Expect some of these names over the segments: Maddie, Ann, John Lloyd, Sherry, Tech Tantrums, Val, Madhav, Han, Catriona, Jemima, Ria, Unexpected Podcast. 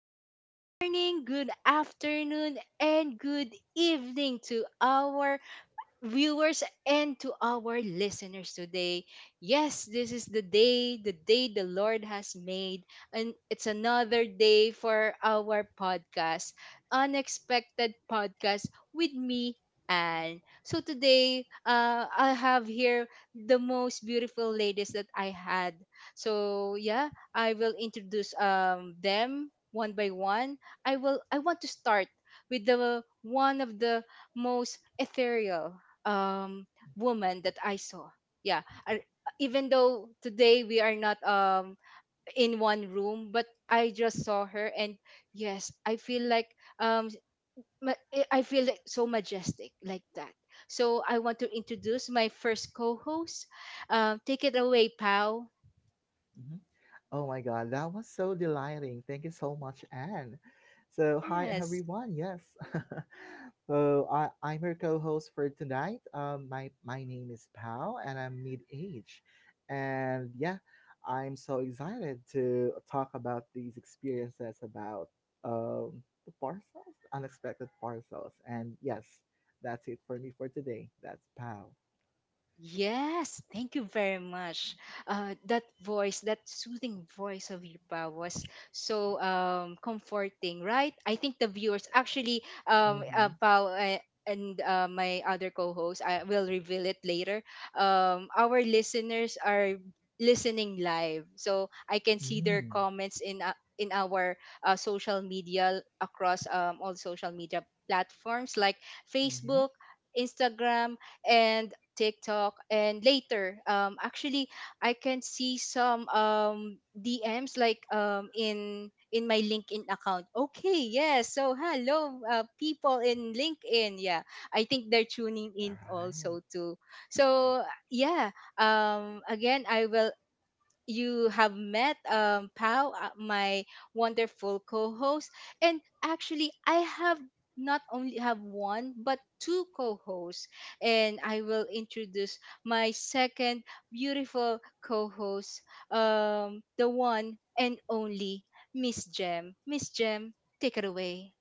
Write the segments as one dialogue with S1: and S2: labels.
S1: good morning, good afternoon, and good evening to our viewers and to our listeners today. Yes, this is the day, the day the Lord has made, and it's another day for our podcast, Unexpected Podcast with me. And so today, I have here the most beautiful ladies that I had. So yeah, I will introduce them one by one. I will. I want to start with the one of the most ethereal um woman that I saw. Yeah, I, even though today we are not in one room, but I just saw her, and yes, I feel like um I feel like so majestic like that. So I want to introduce my first co-host. Take it away, Pau.
S2: Mhm. Oh my God, that was so delighting. Thank you so much, Anne. So, hi
S1: Yes.
S2: everyone. Yes, so I'm your co-host for tonight. My name is Pal, and I'm mid-age, and yeah, I'm so excited to talk about these experiences about the parcels, unexpected parcels, and yes, that's it for me for today. That's Pal.
S1: Yes, thank you very much. That voice, that soothing voice of Yupa was so comforting, right? I think the viewers actually,
S2: Mm-hmm.
S1: Pao and my other co-host, I will reveal it later. Our listeners are listening live, so I can see their
S2: Mm-hmm.
S1: comments in our social media across all social media platforms like Facebook, Instagram, and TikTok, and later, actually, I can see some DMs like in my LinkedIn account. Okay, yes. So hello, people in LinkedIn. Yeah, I think they're tuning
S2: All
S1: in
S2: right.
S1: also too. So yeah, again, I will you have met, Pau, my wonderful co-host, and actually I have not only have one but two co-hosts, and I will introduce my second beautiful co-host, the one and only Miss Jem. Miss Jem, take it away.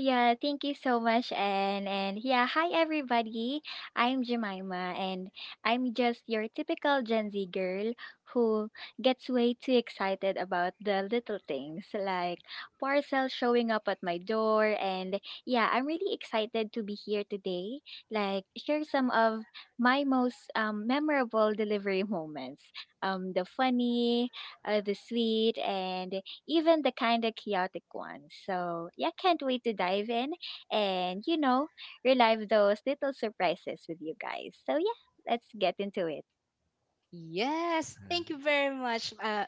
S3: Yeah, thank you so much, and yeah, hi everybody. I'm Jemima, and I'm just your typical Gen Z girl who gets way too excited about the little things like parcel showing up at my door. And yeah, I'm really excited to be here today, like share some of my most memorable delivery moments. The funny, the sweet, and even the kind of chaotic ones. So, yeah, can't wait to dive in and relive those little surprises with you guys. So, yeah, let's get into it.
S1: Yes, thank you very much, uh,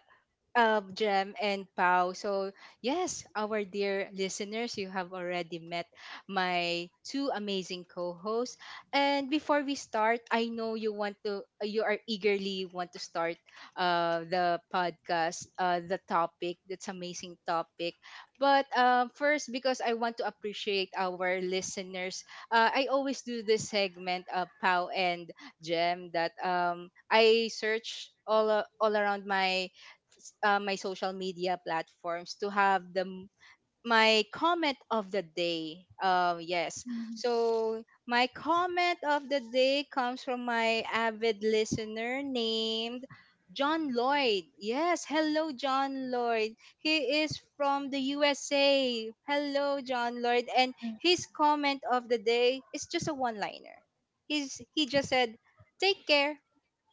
S1: um, Jem and Pau. So, yes, our dear listeners, you have already met my two amazing co-hosts. And before we start, I know you want to, you are eagerly want to start the podcast, the topic, that's amazing topic. But first, because I want to appreciate our listeners, I always do this segment, Pau and Jem, that I search all, all around my my social media platforms to have the my comment of the day. Yes.
S3: Mhm.
S1: So my comment of the day comes from my avid listener named John Lloyd. Yes, hello John Lloyd. He is from the USA. Hello John Lloyd, and
S3: Wow.
S1: his comment of the day is just a one-liner. He just said, "Take care."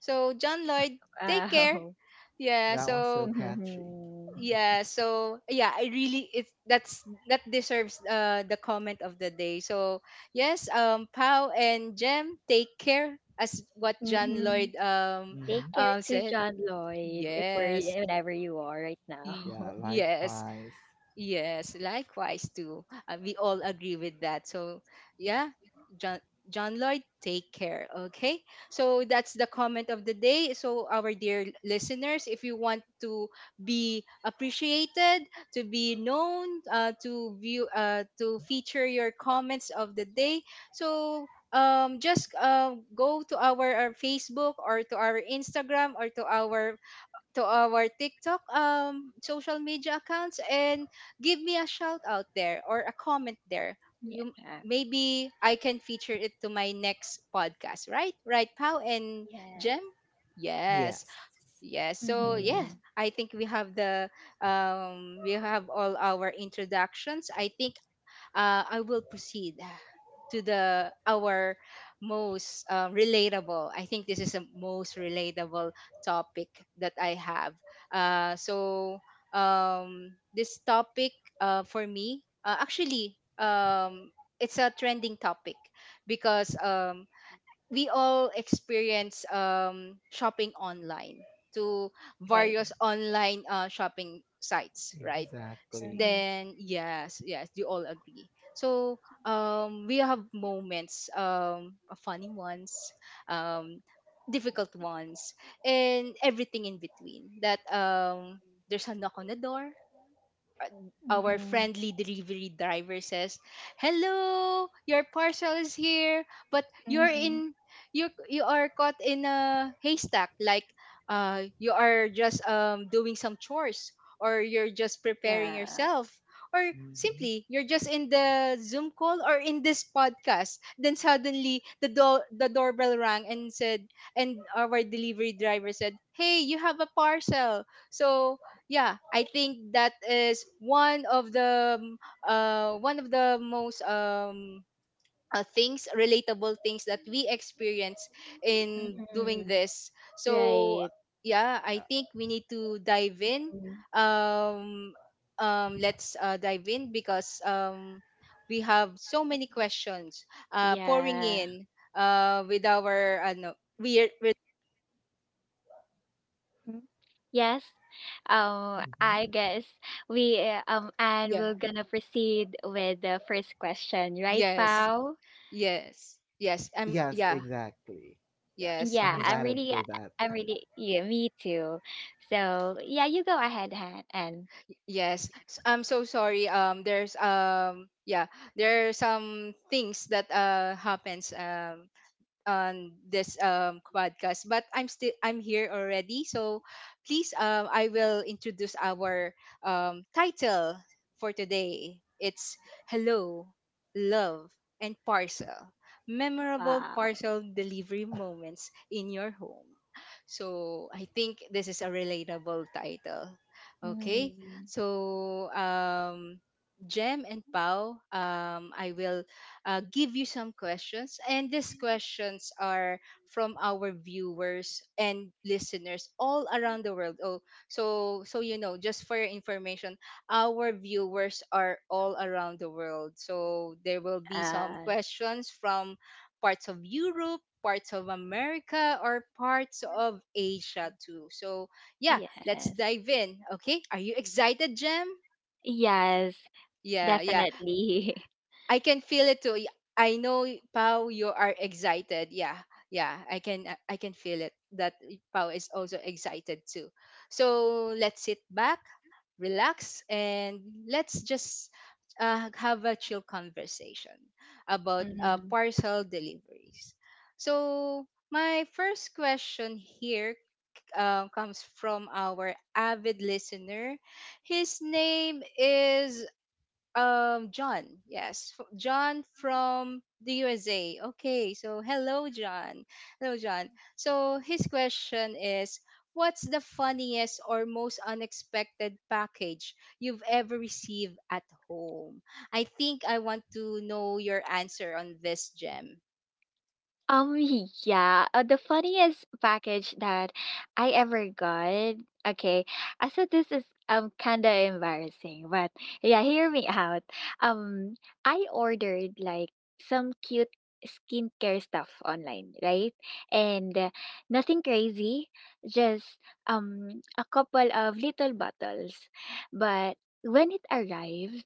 S1: So John Lloyd, take care. Yeah,
S2: That one's so
S1: so
S2: catchy.
S3: Mhm.
S1: yeah, so yeah, I really it, that's that deserves the comment of the day. So yes, Pow and Jem, take care as what John
S3: Mhm.
S1: Lloyd
S2: hmm
S3: Take care to
S1: said.
S3: John Lloyd if we're
S1: Yes.
S3: whenever you are right
S2: Yeah,
S3: now.
S1: Yes.
S2: likewise.
S1: Yes, likewise too. We all agree with that. So, yeah, John John Lloyd, take care, okay? So that's the comment of the day. So our dear listeners, if you want to be appreciated, to be known, to feature your comments of the day, so just go to our Facebook or to our Instagram or to our TikTok social media accounts and give me a shout out there or a comment there.
S3: Yeah,
S1: You
S3: yeah.
S1: maybe I can feature it to my next podcast, right? Right, Pow and
S3: Yes.
S1: Jem? Yes.
S2: Yes.
S1: Yes. So
S2: hmm
S1: yeah,
S3: Mm-hmm.
S1: I think we have the we have all our introductions. I think I will proceed to the our most relatable. I think this is the most relatable topic that I have. So this topic for me, actually, it's a trending topic because we all experience shopping online to
S3: Right.
S1: various online shopping sites, right?
S2: Exactly.
S3: Mm-hmm.
S1: Then yes, yes, you all agree. So we have moments, funny ones, um difficult ones, and everything in between that, there's a knock on the door, our
S3: Mhm.
S1: friendly delivery driver says, "Hello, your parcel is here, but you're
S3: Mhm.
S1: in you are caught in a haystack, like you are just doing some chores or you're just preparing
S3: Yeah.
S1: yourself or
S2: hmm
S1: simply you're just in the Zoom call or in this podcast." Then suddenly the doorbell rang and said and our delivery driver said, "Hey, you have a parcel." So yeah, I think that is one of the most things relatable things that we experience in doing
S3: Mhm.
S1: this. So
S3: Right.
S1: yeah, I
S2: Yeah.
S1: think we need to dive in.
S3: Mhm.
S1: um let's dive in because we have so many
S3: Mhm.
S1: questions pouring
S3: Yeah.
S1: in with our no, we
S3: Mhm. Yes.
S2: hmm
S3: I guess we and
S1: yeah,
S3: we're gonna proceed with the first question, right,
S1: yes,
S3: Val?
S1: yes, yes, I'm
S2: Yes,
S1: yeah,
S2: exactly. Yeah,
S3: And
S1: yes
S2: I'm
S3: yeah,
S1: I'm
S3: I'm
S2: excited
S3: really,
S2: for
S3: uh,
S2: that.
S3: I'm really, yeah, me too. So yeah, you go ahead Han, and
S1: Yes, I'm so sorry. There's yeah, there are some things that happens on this podcast, but I'm here already, so please, I will introduce our title for today. It's "Hello Love and Parcel: Memorable
S3: wow.
S1: Parcel Delivery Moments in Your Home." So I think this is a relatable title, okay?
S3: Mm.
S1: So Jem and Pau, I will give you some questions. And these questions are from our viewers and listeners all around the world. Oh, so so you know, just for your information, our viewers are all around the world. So there will be some
S3: Uh,
S1: questions from parts of Europe, parts of America, or parts of Asia too. So yeah, let's
S3: yes,
S1: dive in. Okay, are you excited, Jem?
S3: yes,
S1: Yeah, yeah.
S3: definitely.
S1: I can feel it too. I know you are excited. Yeah, yeah, I can feel it that is also excited too. So let's sit back, relax, and let's just have a chill conversation about
S3: Mhm.
S1: parcel deliveries. So my first question here. Comes from our avid listener. His name is John. Yes, John from the USA. Okay, so hello, John. Hello, John. So his question is, what's the funniest or most unexpected package you've ever received at home? I think I want to know your answer on this, Gem.
S3: Um, yeah, the funniest package that I ever got. Okay, I said this is kind of embarrassing, but yeah, hear me out. Um, I ordered like some cute skincare stuff online, right? And nothing crazy, just a couple of little bottles. But when it arrived,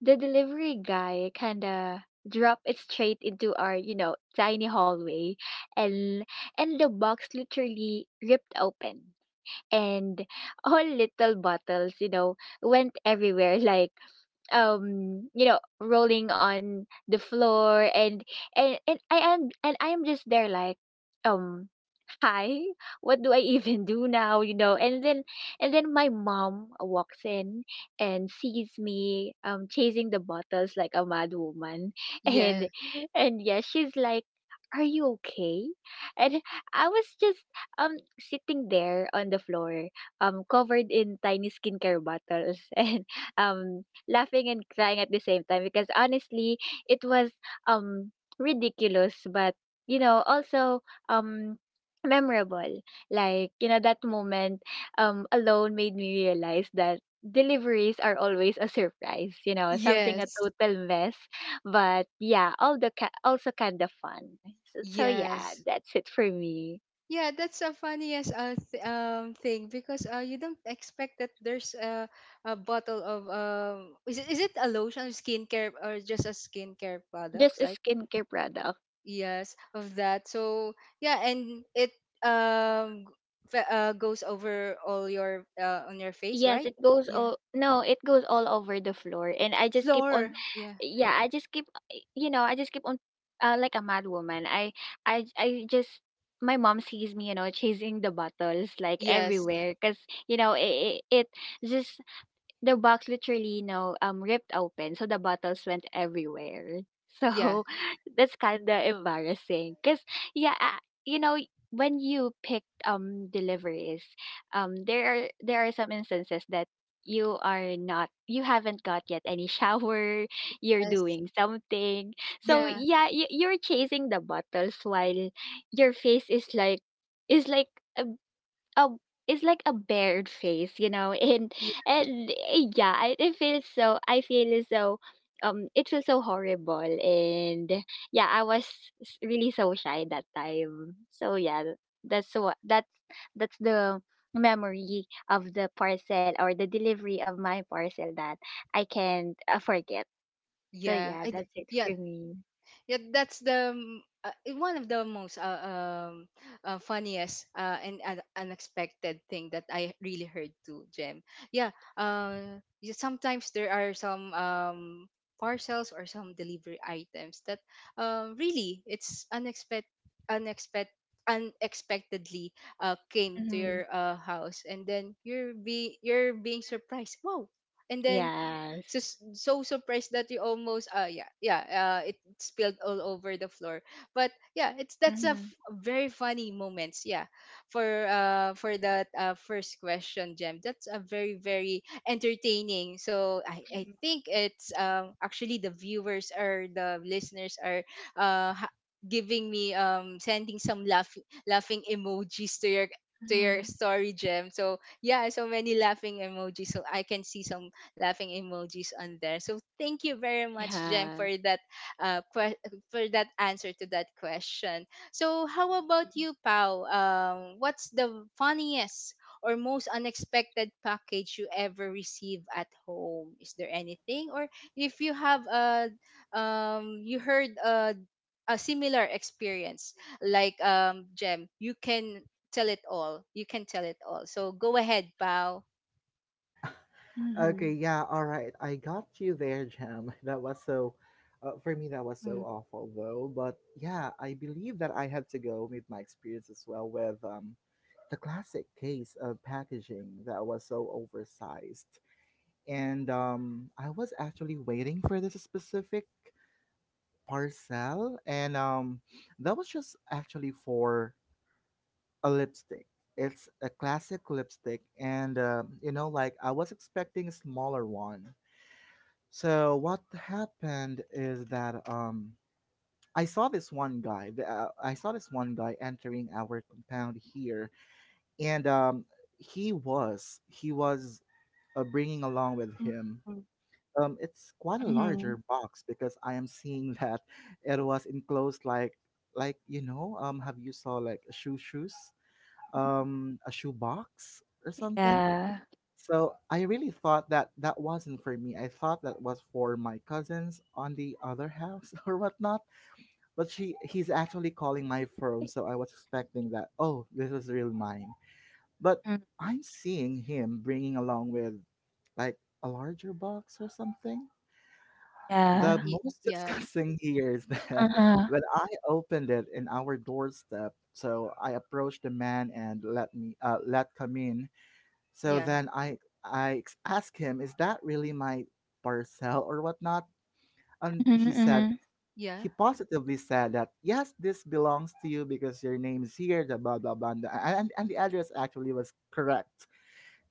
S3: the delivery guy kind of dropped it straight into our you know tiny hallway and the box literally ripped open and all little bottles you know went everywhere like you know rolling on the floor and I am just there like um hi what do I even do now you know and then my mom walks in and sees me chasing the bottles like a mad woman.
S1: Yeah.
S3: And and yeah, she's like, are you okay? And I was just um sitting there on the floor, covered in tiny skincare bottles, and um laughing and crying at the same time because honestly it was um ridiculous, but you know also um memorable. Like, you know, that moment alone made me realize that deliveries are always a surprise, you know, something a
S1: Yes.
S3: total mess, but yeah, all the also kind of fun. So yeah,
S1: Yes.
S3: that's it for me.
S1: Yeah, that's a funniest thing because you don't expect that there's a bottle of is it a lotion skincare or just a skincare
S3: Just
S1: products
S3: a
S1: like
S3: skincare product.
S1: yes of that. So yeah, and it um g- goes over all your on your face,
S3: Yes,
S1: right?
S3: it goes
S1: Yeah,
S3: all no, it goes all over the floor and I just keep on,
S1: floor, yeah.
S3: yeah, I just keep you know, I just keep on like a mad woman. I just, my mom sees me, you know, chasing the bottles like
S1: Yes,
S3: everywhere because you know it just, the box literally, you know, ripped open, so the bottles went everywhere.
S1: yeah,
S3: So that's kind of embarrassing, cause yeah, you know, when you pick deliveries, there are some instances that you are not you haven't got yet any shower, you're
S1: yes,
S3: doing something. So
S1: yeah,
S3: yeah, you, you're chasing the bottles while your face is like a it's like a bared face, you know, and
S1: yeah,
S3: yeah, it feels so. I feel as though it feels so horrible, and yeah, I was really so shy that time. So yeah, that's what that's the memory of the parcel or the delivery of my parcel that I can't forget. So
S1: yeah,
S3: yeah, that's it
S1: yeah,
S3: for me.
S1: yeah, that's the one of the most um funniest and unexpected thing that I really heard too, Jem. Yeah, you, sometimes there are some parcels or some delivery items that really it's unexpected unexpectedly came to
S3: Hmm.
S1: your house, and then you're be you're being surprised, wow. And then
S3: Yes.
S1: so so surprised that you almost it spilled all over the floor. But yeah, it's that's a
S3: Mm-hmm.
S1: very funny moments, yeah, for that first question, Gem. That's a very very entertaining. So I think it's actually the viewers or the listeners are uh ha- giving me sending some laughing emojis to your
S3: Mm-hmm.
S1: story, Gem. So yeah, so many laughing emojis. So I can see some laughing emojis on there. So thank you very much, Jem, for
S3: Yeah.
S1: that uh que- for that answer to that question. So how about you, Pau? What's the funniest or most unexpected package you ever receive at home? Is there anything, or if you have a you heard a similar experience like Jem, you can tell it all. You can tell it all. So go ahead, Pau.
S2: Okay, yeah, all right. I got you there, Jam. For me, that was so
S3: Mm-hmm.
S2: awful though. But yeah, I believe that I have to go with my experience as well with the classic case of packaging that was so oversized. And I was actually waiting for this specific parcel, and that was just actually for a lipstick. It's a classic lipstick, and you know, like I was expecting a smaller one. So what happened is that I saw this one guy. I saw this one guy entering our compound here, and he was bringing along with him it's quite a larger
S3: Mhm.
S2: box because I am seeing that it was enclosed like you know have you saw like a shoe box or something.
S3: Yeah.
S2: So I really thought that that wasn't for me. I thought that was for my cousins on the other house or whatnot. But she he's actually calling my phone, so I was expecting that oh this was real mine. But
S3: Mm,
S2: I'm seeing him bringing along with like a larger box or something. The
S3: yeah.
S2: most
S1: Yeah,
S2: disgusting here is that
S3: Uh-huh.
S2: when I opened it in our doorstep, so I approached the man and let me let come in. So
S1: yeah.
S2: then asked him, "Is that really my parcel or whatnot?" And
S3: Mhm, mhm.
S1: Yeah,
S2: he positively said that yes, this belongs to you because your name is here, the blah blah blah, and the address actually was correct.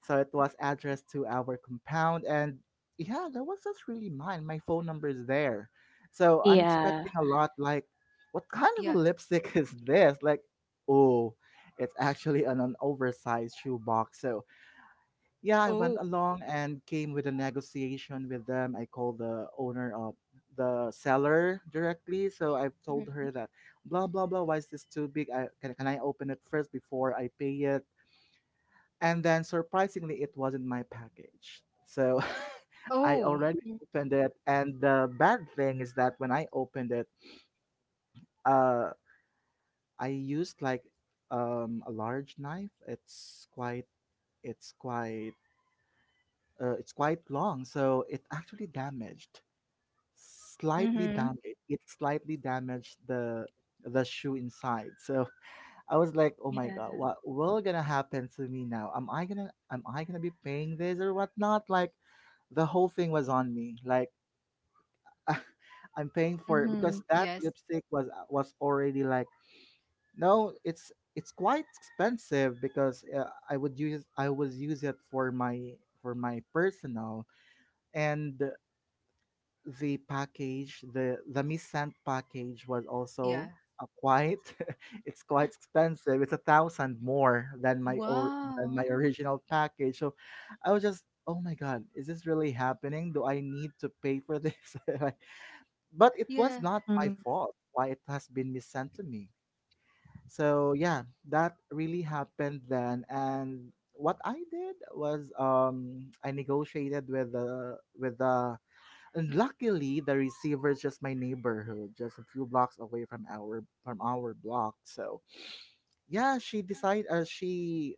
S2: So it was addressed to our compound, and yeah, that was just really mine. My phone number is there. So I'm
S3: Yeah.
S2: expecting a lot like, what kind of a
S1: yeah.
S2: lipstick is this? Like, oh, it's actually an oversized shoebox. So yeah, I went
S1: Oh,
S2: along and came with a negotiation with them. I called the owner of the seller directly. So I've told
S3: Mhm.
S2: her that blah blah blah, why is this too big? Can I open it first before I pay it? And then surprisingly, it wasn't my package. So I
S1: oh,
S2: already opened it. And the bad thing is that when I opened it, uh, I used like a large knife. It's quite, it's quite long. So it actually damaged,
S3: Mhm.
S2: slightly
S3: Mhm.
S2: damaged. It slightly damaged the shoe inside. So I was like, oh my
S3: Yeah.
S2: god, what will gonna happen to me now? Am I gonna be paying this or whatnot? Like the whole thing was on me. Like I'm paying for it because
S3: Mhm.
S2: that
S1: yes,
S2: lipstick was already like no, it's quite expensive because I was use it for my personal and the package, the Mi package was
S1: yeah.
S2: also a quite it's quite expensive. It's a thousand more than my or than
S1: Wow.
S2: my original package. So I was just oh my god, is this really happening? Do I need to pay for this? Like, but it was
S1: Yeah,
S2: not my
S3: Mhm.
S2: fault why it has been missent to me. So yeah, that really happened then and what I did was I negotiated with the and luckily, the receiver is just my neighborhood, just a few blocks away from our block. So yeah, she decided. She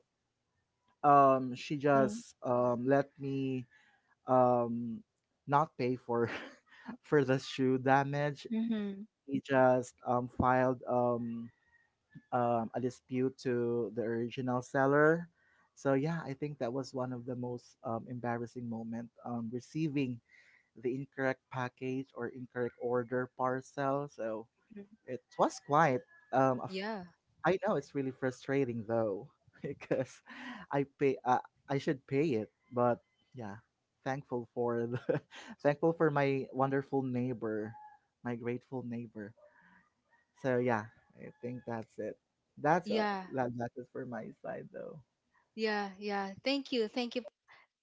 S2: um She
S3: Mhm.
S2: just let me um not pay for for the shoe damage.
S3: Mhm.
S2: He just filed a dispute to the original seller. So yeah, I think that was one of the most embarrassing moment receiving the incorrect package or incorrect order parcel. So
S3: Mhm.
S2: it was quite. Um, a f-
S1: yeah,
S2: I know it's really frustrating though because I pay. Uh, I should pay it, but yeah, thankful for thankful for my wonderful neighbor, my grateful neighbor. So yeah, I think that's it. That's uh,
S1: yeah,
S2: that's it for my side though.
S1: yeah, yeah. Thank you. Thank you,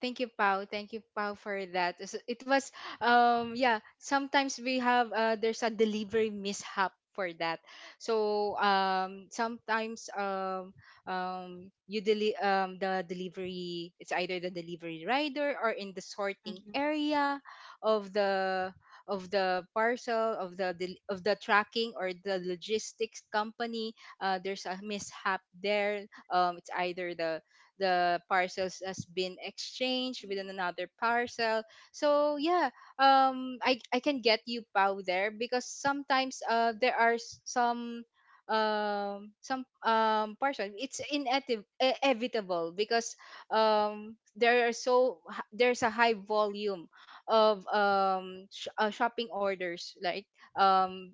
S1: thank you, Pau. Thank you, Pau, for that. So it was, yeah. Sometimes we have there's a delivery mishap for that. So sometimes you the delivery, it's either the delivery rider or in the sorting area of the of the parcel of the of the tracking or the logistics company. There's a mishap there. It's either the parcels has been exchanged within another parcel, so yeah. I can get you Pow there because sometimes there are some parcel, it's inevitable because there are there's a high volume of shopping orders, like um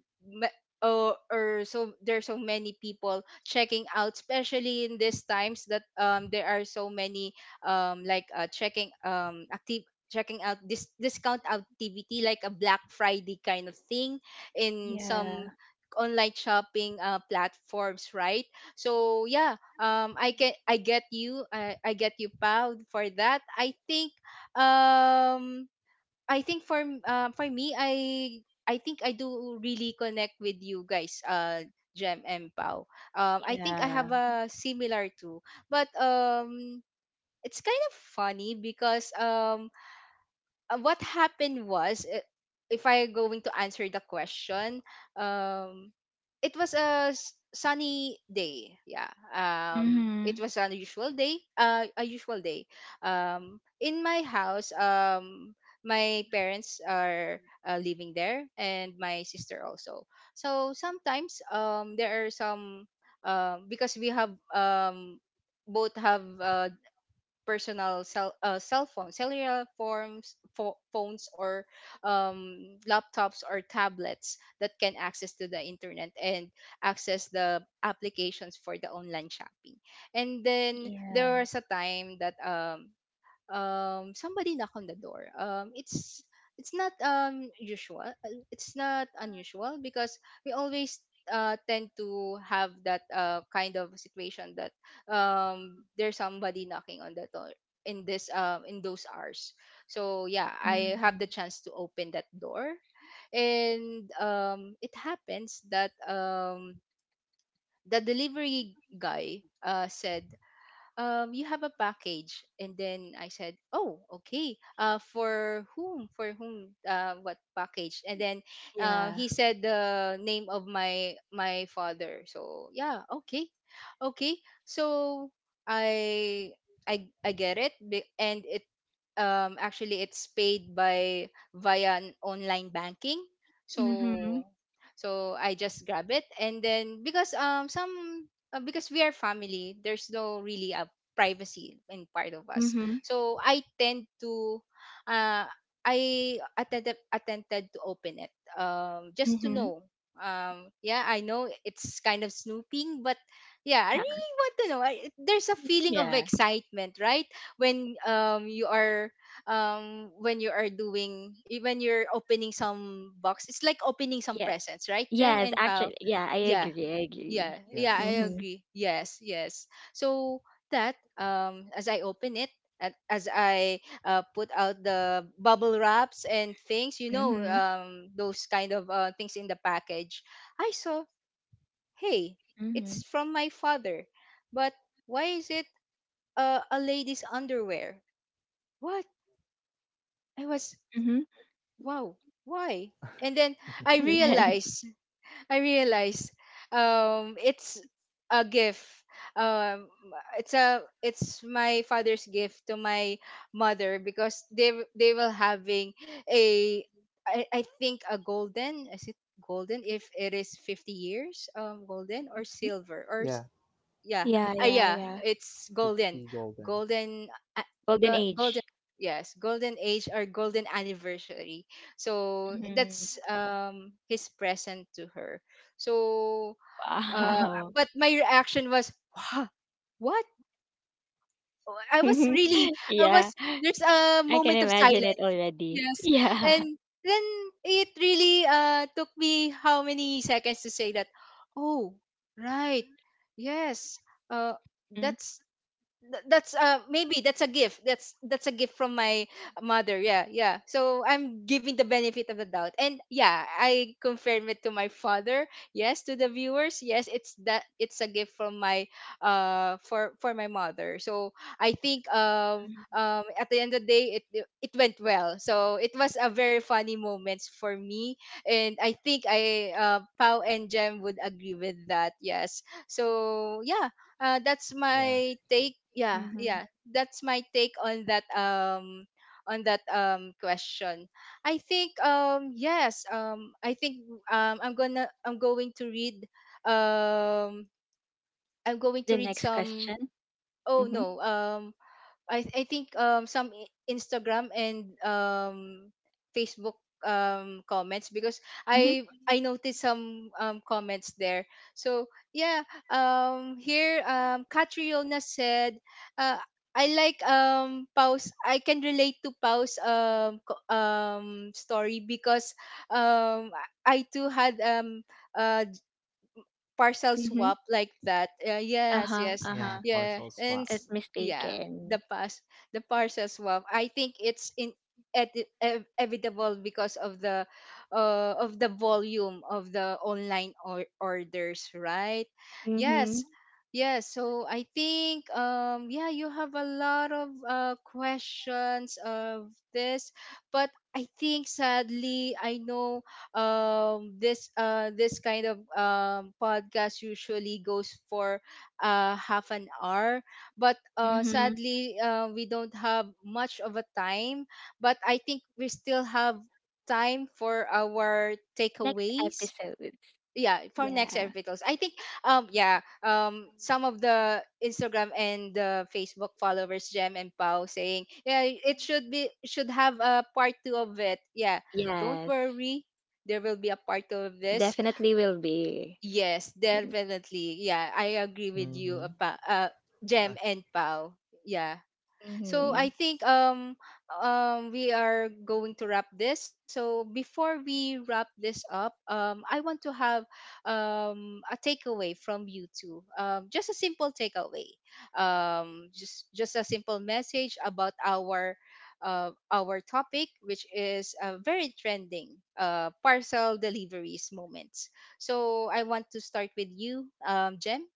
S1: or so there's so many people checking out, especially in these times that there are so many like checking active checking out this discount activity, like a Black Friday kind of thing in some
S3: Yeah.
S1: online shopping platforms, right? So yeah, I get you, I get you proud for that, I think. um I think for for me, I think I do really connect with you guys, Jem and Pau. I think I have
S3: Yeah.
S1: a similar too, but it's kind of funny because, what happened was, if I going to answer the question, um it was a sunny day, yeah. It
S3: Mhm.
S1: was an usual day, a usual day in my house. My parents are living there, and my sister also. So sometimes there are some because we have both have personal cell, cell phones, cellular forms, phones, or laptops or tablets that can access to the internet and access the applications for the online shopping. And then there
S3: Yeah.
S1: was a time that, somebody knock on the door. It's not usual, it's not unusual because we always tend to have that kind of situation that there's somebody knocking on the door in this, in those hours. So yeah, I
S3: Mhm.
S1: have the chance to open that door, and it happens that the delivery guy said, "You have a package." And then I said, "Oh, okay. For whom? For whom? What package?" And then
S3: Yeah.
S1: he said the name of my father. So yeah, okay, okay. So I I get it, and it actually it's paid by via an online banking.
S3: Mhm.
S1: So I just grab it, and then because some because we are family, there's no really privacy in part of us.
S3: Mhm.
S1: So I tend to uh, I attempted to open it, just to
S3: Mhm.
S1: know. Yeah, I know it's kind of snooping, but yeah, I
S3: Yeah.
S1: really want to know. There's a feeling of
S3: Yeah.
S1: excitement, right? When you are, when you are doing, when you're opening some box, it's like opening some
S3: Yeah.
S1: presents, right, Jem
S3: Yes,
S1: and Pao?
S3: actually, yeah, I
S1: Yeah,
S3: agree. I agree.
S1: yeah, yeah, I
S2: Yes.
S3: Mm-hmm.
S1: agree. Yes, yes. So that, as I open it, and as I, put out the bubble wraps and things, you know,
S3: Mhm.
S1: those kind of things in the package, I saw, hey,
S3: Mhm.
S1: it's from my father. But why is it a lady's underwear? What? I was,
S3: Mhm.
S1: wow, why? And then I
S3: And then
S1: realized, I realize it's a gift. Um it's a, it's my father's gift to my mother because they will having a, I think a golden, is it golden if it is 50 years? Golden or
S3: mhm.
S1: silver or
S2: Yeah,
S1: yeah.
S3: Yeah, yeah,
S1: Yeah,
S3: yeah.
S1: it's golden,
S2: 50 golden.
S1: golden, uh,
S3: Golden
S1: golden.
S3: age.
S1: Yes, golden age or golden anniversary. So that's
S3: Mhm.
S1: his present to her. So uh
S3: Wow.
S1: but my reaction was, wow, what. Oh, I was really, I was,
S3: Yeah,
S1: there's a
S3: I can
S1: moment of
S3: imagine it
S1: silence.
S3: already.
S1: Yes.
S3: Yeah.
S1: And then it really took me how many seconds to say that, oh, right. Yes. Uh,
S3: Mm,
S1: that's, that's maybe that's a gift, that's a gift from my mother, yeah, yeah. So I'm giving the benefit of the doubt, and yeah, I confirm it to my father. Yes, to the viewers, yes, it's that, it's a gift from my, for my mother. So I think,
S3: mhm,
S1: at the end of the day, it went well, so it was a very funny moments for me, and I think I Pow and Jem would agree with that. Yes. So yeah, that's
S2: Yeah.
S1: my take. Yeah,
S3: mhm.
S1: yeah, that's my take on that, on that question. I think, yes, I think I'm going to read um I'm going to
S3: The
S1: read
S3: next
S1: some.
S3: question.
S1: Oh
S3: Mhm,
S1: no, I think Instagram and Facebook comments because
S3: mhm,
S1: I noticed some comments there. So yeah, here, Catriona said, uh I like Pau's I can relate to Pau's story because um I too had uh parcel
S3: mhm.
S1: swap like that. Yes,
S3: Uh-huh,
S1: yes,
S2: Yeah,
S3: uh-huh.
S1: yeah,
S2: parcel swap.
S3: Is
S1: yeah,
S3: mistaken.
S1: the pass, the parcel swap. I think it's evitable because of the, of the volume of the online orders, right? Yes.
S3: Mhm,
S1: Yes, so I think, yeah, you have a lot of questions of this, but I think sadly I know, this this kind of podcast usually goes for half an hour, but
S3: mhm.
S1: sadly, we don't have much of a time. But I think we still have time for our
S3: Next
S1: takeaways,
S3: episodes.
S1: yeah, for next
S3: Yeah.
S1: vitals, I think. Yeah, some of the Instagram and the Facebook followers, Jem and Pau, saying yeah, it should be, should have a part two of it. Yeah, don't
S3: Yes,
S1: worry, there will be a part two of this.
S3: definitely will be.
S1: Yes, definitely, yeah, I agree with
S2: Mm-hmm.
S1: you, Pa. Jem and Pau, yeah. So I
S3: Mhm.
S1: think, we are going to wrap this. So before we wrap this up, I want to have a takeaway from you two. Um, just a simple takeaway. Just a simple message about our, our topic, which is very trending, parcel deliveries moments. So I want to start with you, Jem.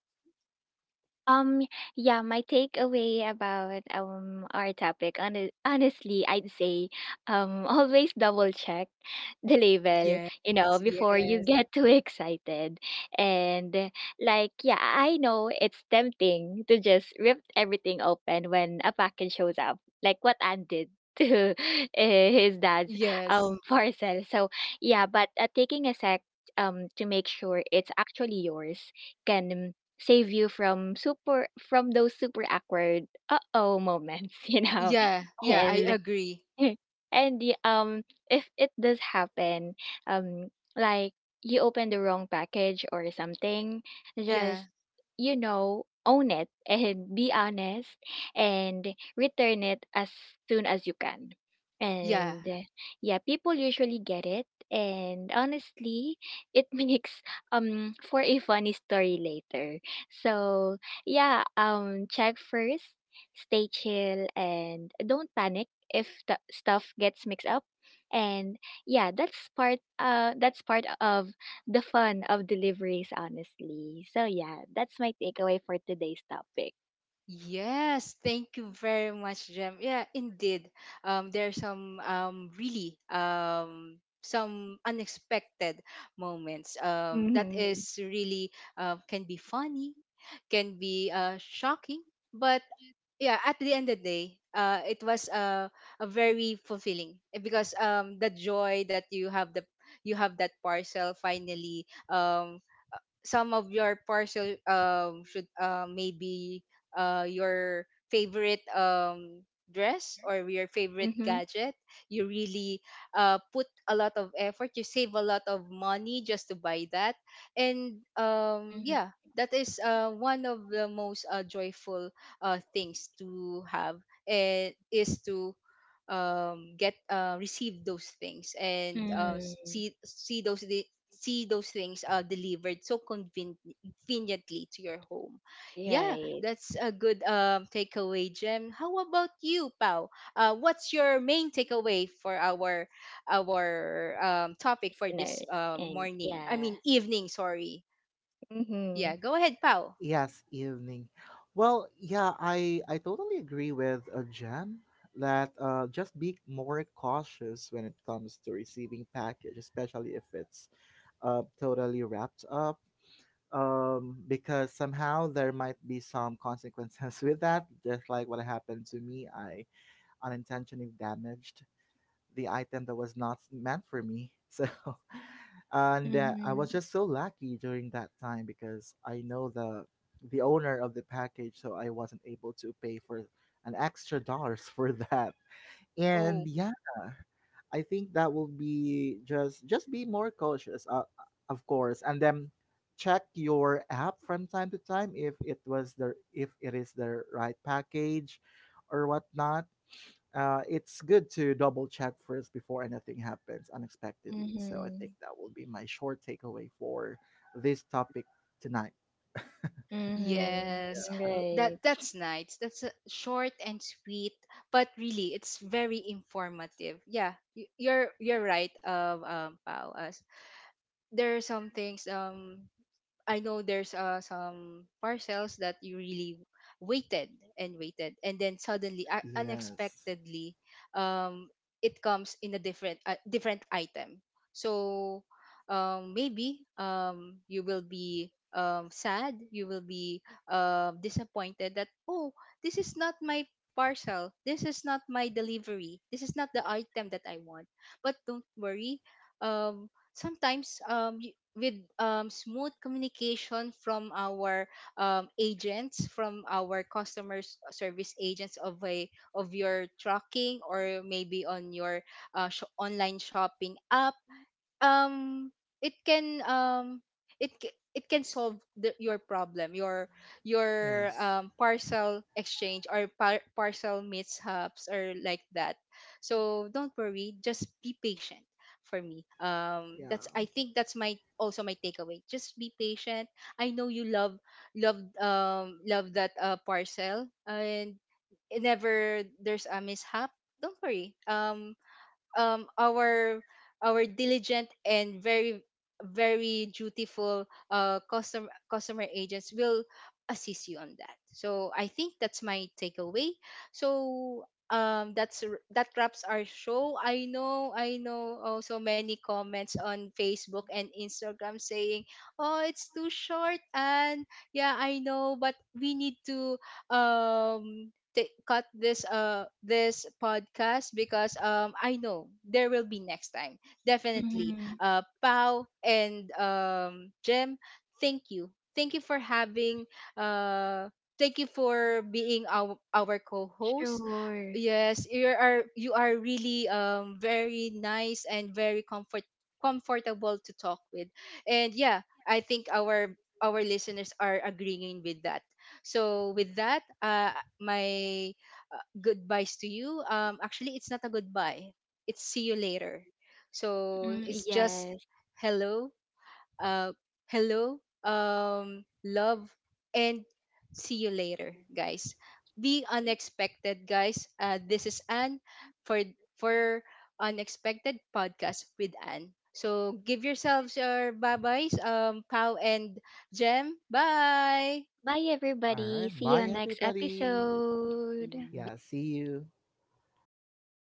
S3: Um, yeah, my takeaway about our topic, honestly, I'd say always double check the label,
S1: Yes,
S3: you know, before you
S1: yes.
S3: get too excited. And like, yeah, I know it's tempting to just rip everything open when a package shows up, like what Ann did to his dad's
S1: Yes.
S3: parcel. So yeah, but taking a sec to make sure it's actually yours can save you from super, from those super awkward uh-oh moments, you know.
S1: Yeah, yeah, I
S3: And
S1: agree.
S3: and the if it does happen, um like, you open the wrong package or something,
S1: Yeah,
S3: just you know own it and be honest and return it as soon as you can,
S1: yeah.
S3: and yeah, people usually get it, and honestly it makes for a funny story later. So yeah, check first, stay chill and don't panic if the stuff gets mixed up. And yeah, that's part of the fun of deliveries honestly. So yeah, that's my takeaway for today's topic.
S1: Yes, thank you very much, Jem. Yeah, indeed. There are some really some unexpected moments. That
S3: Mm-hmm.
S1: is really can be funny, can be shocking, but yeah, at the end of the day, it was a very fulfilling, eh, because the joy that you have, the you have that parcel finally, some of your parcel, should maybe your favorite dress or your favorite
S3: Mhm.
S1: gadget, you really put a lot of effort, you save a lot of money just to buy that. And
S3: Mhm.
S1: yeah, that is one of the most, joyful things to have, and is to, get receive those things, and
S3: Mm.
S1: see those, see those things, delivered so conveniently to your home. Yeah,
S3: Right.
S1: that's a good, takeaway, Jem. How about you, Pau? What's your main takeaway for our, topic for this,
S3: Listeners and
S1: morning? I
S3: yeah.
S1: mean, evening. Sorry.
S3: Mm-hmm.
S1: Yeah, go ahead, Pau.
S2: Yes, evening. Well, yeah, I totally agree with Jen that just be more cautious when it comes to receiving package, especially if it's totally wrapped up, because somehow there might be some consequences with that. Just like what happened to me, I unintentionally damaged the item that was not meant for me. So, and I
S3: Mhm.
S2: was just so lucky during that time because I know the owner of the package, so I wasn't able to pay for an extra dollars for that. And
S1: Oh,
S2: yeah, I think that will be just be more cautious, of course, and then check your app from time to time if it was the if it is the right package or whatnot. It's good to double check first before anything happens unexpectedly. So I think
S3: Mhm.
S2: that will be my short takeaway for this topic tonight.
S3: Mhm.
S1: yes. That,
S3: Right.
S1: that's nice. That's a short and sweet, but really it's very informative. Yeah, you're right, Pao. There are some things, I know there's some parcels that you really waited and waited, and then suddenly,
S2: Yes.
S1: unexpectedly um it comes in a different, different item. So maybe, you will be sad, you will be disappointed that, oh, this is not my parcel, this is not my delivery, this is not the item that I want. But don't worry, sometimes, with smooth communication from our, agents, from our customer service agents of a, of your trucking, or maybe on your, online shopping app, um it can, it can solve the, your problem, your
S2: Yes.
S1: parcel exchange or parcel mishaps or like that. So don't worry, just be patient. For me,
S2: Yeah.
S1: that's, I think that's my also my takeaway, just be patient. I know you love, love, love that, parcel, and whenever there's a mishap, don't worry. Um our our diligent and very, very dutiful customer, customer agents will assist you on that. So I think that's my takeaway. So that's, that wraps our show. I know, I know, also many comments on Facebook and Instagram saying, oh, it's too short, and yeah, I know, but we need to, um cut this, this podcast, because I know there will be next time, definitely.
S3: Mhm.
S1: Pau and Jem, thank you, thank you for having, uh thank you for being our co-host.
S3: Sure.
S1: Yes, you are, you are really, very nice and very comfort, comfortable to talk with. And yeah, I think our listeners are agreeing with that. So with that, my, goodbyes to you. Actually, it's not a goodbye. It's see you later. So
S3: Mm,
S1: it's just
S3: yes.
S1: hello, uh, hello, love, and see you later, guys. Be unexpected, guys. This is Anne for for Unexpected Podcast with Anne. So give yourselves your bye byes, Pow and Jem. Bye.
S3: Bye
S2: All right.
S3: everybody.
S2: Bye,
S3: See you next
S2: everybody.
S3: episode.
S2: Yeah. See you.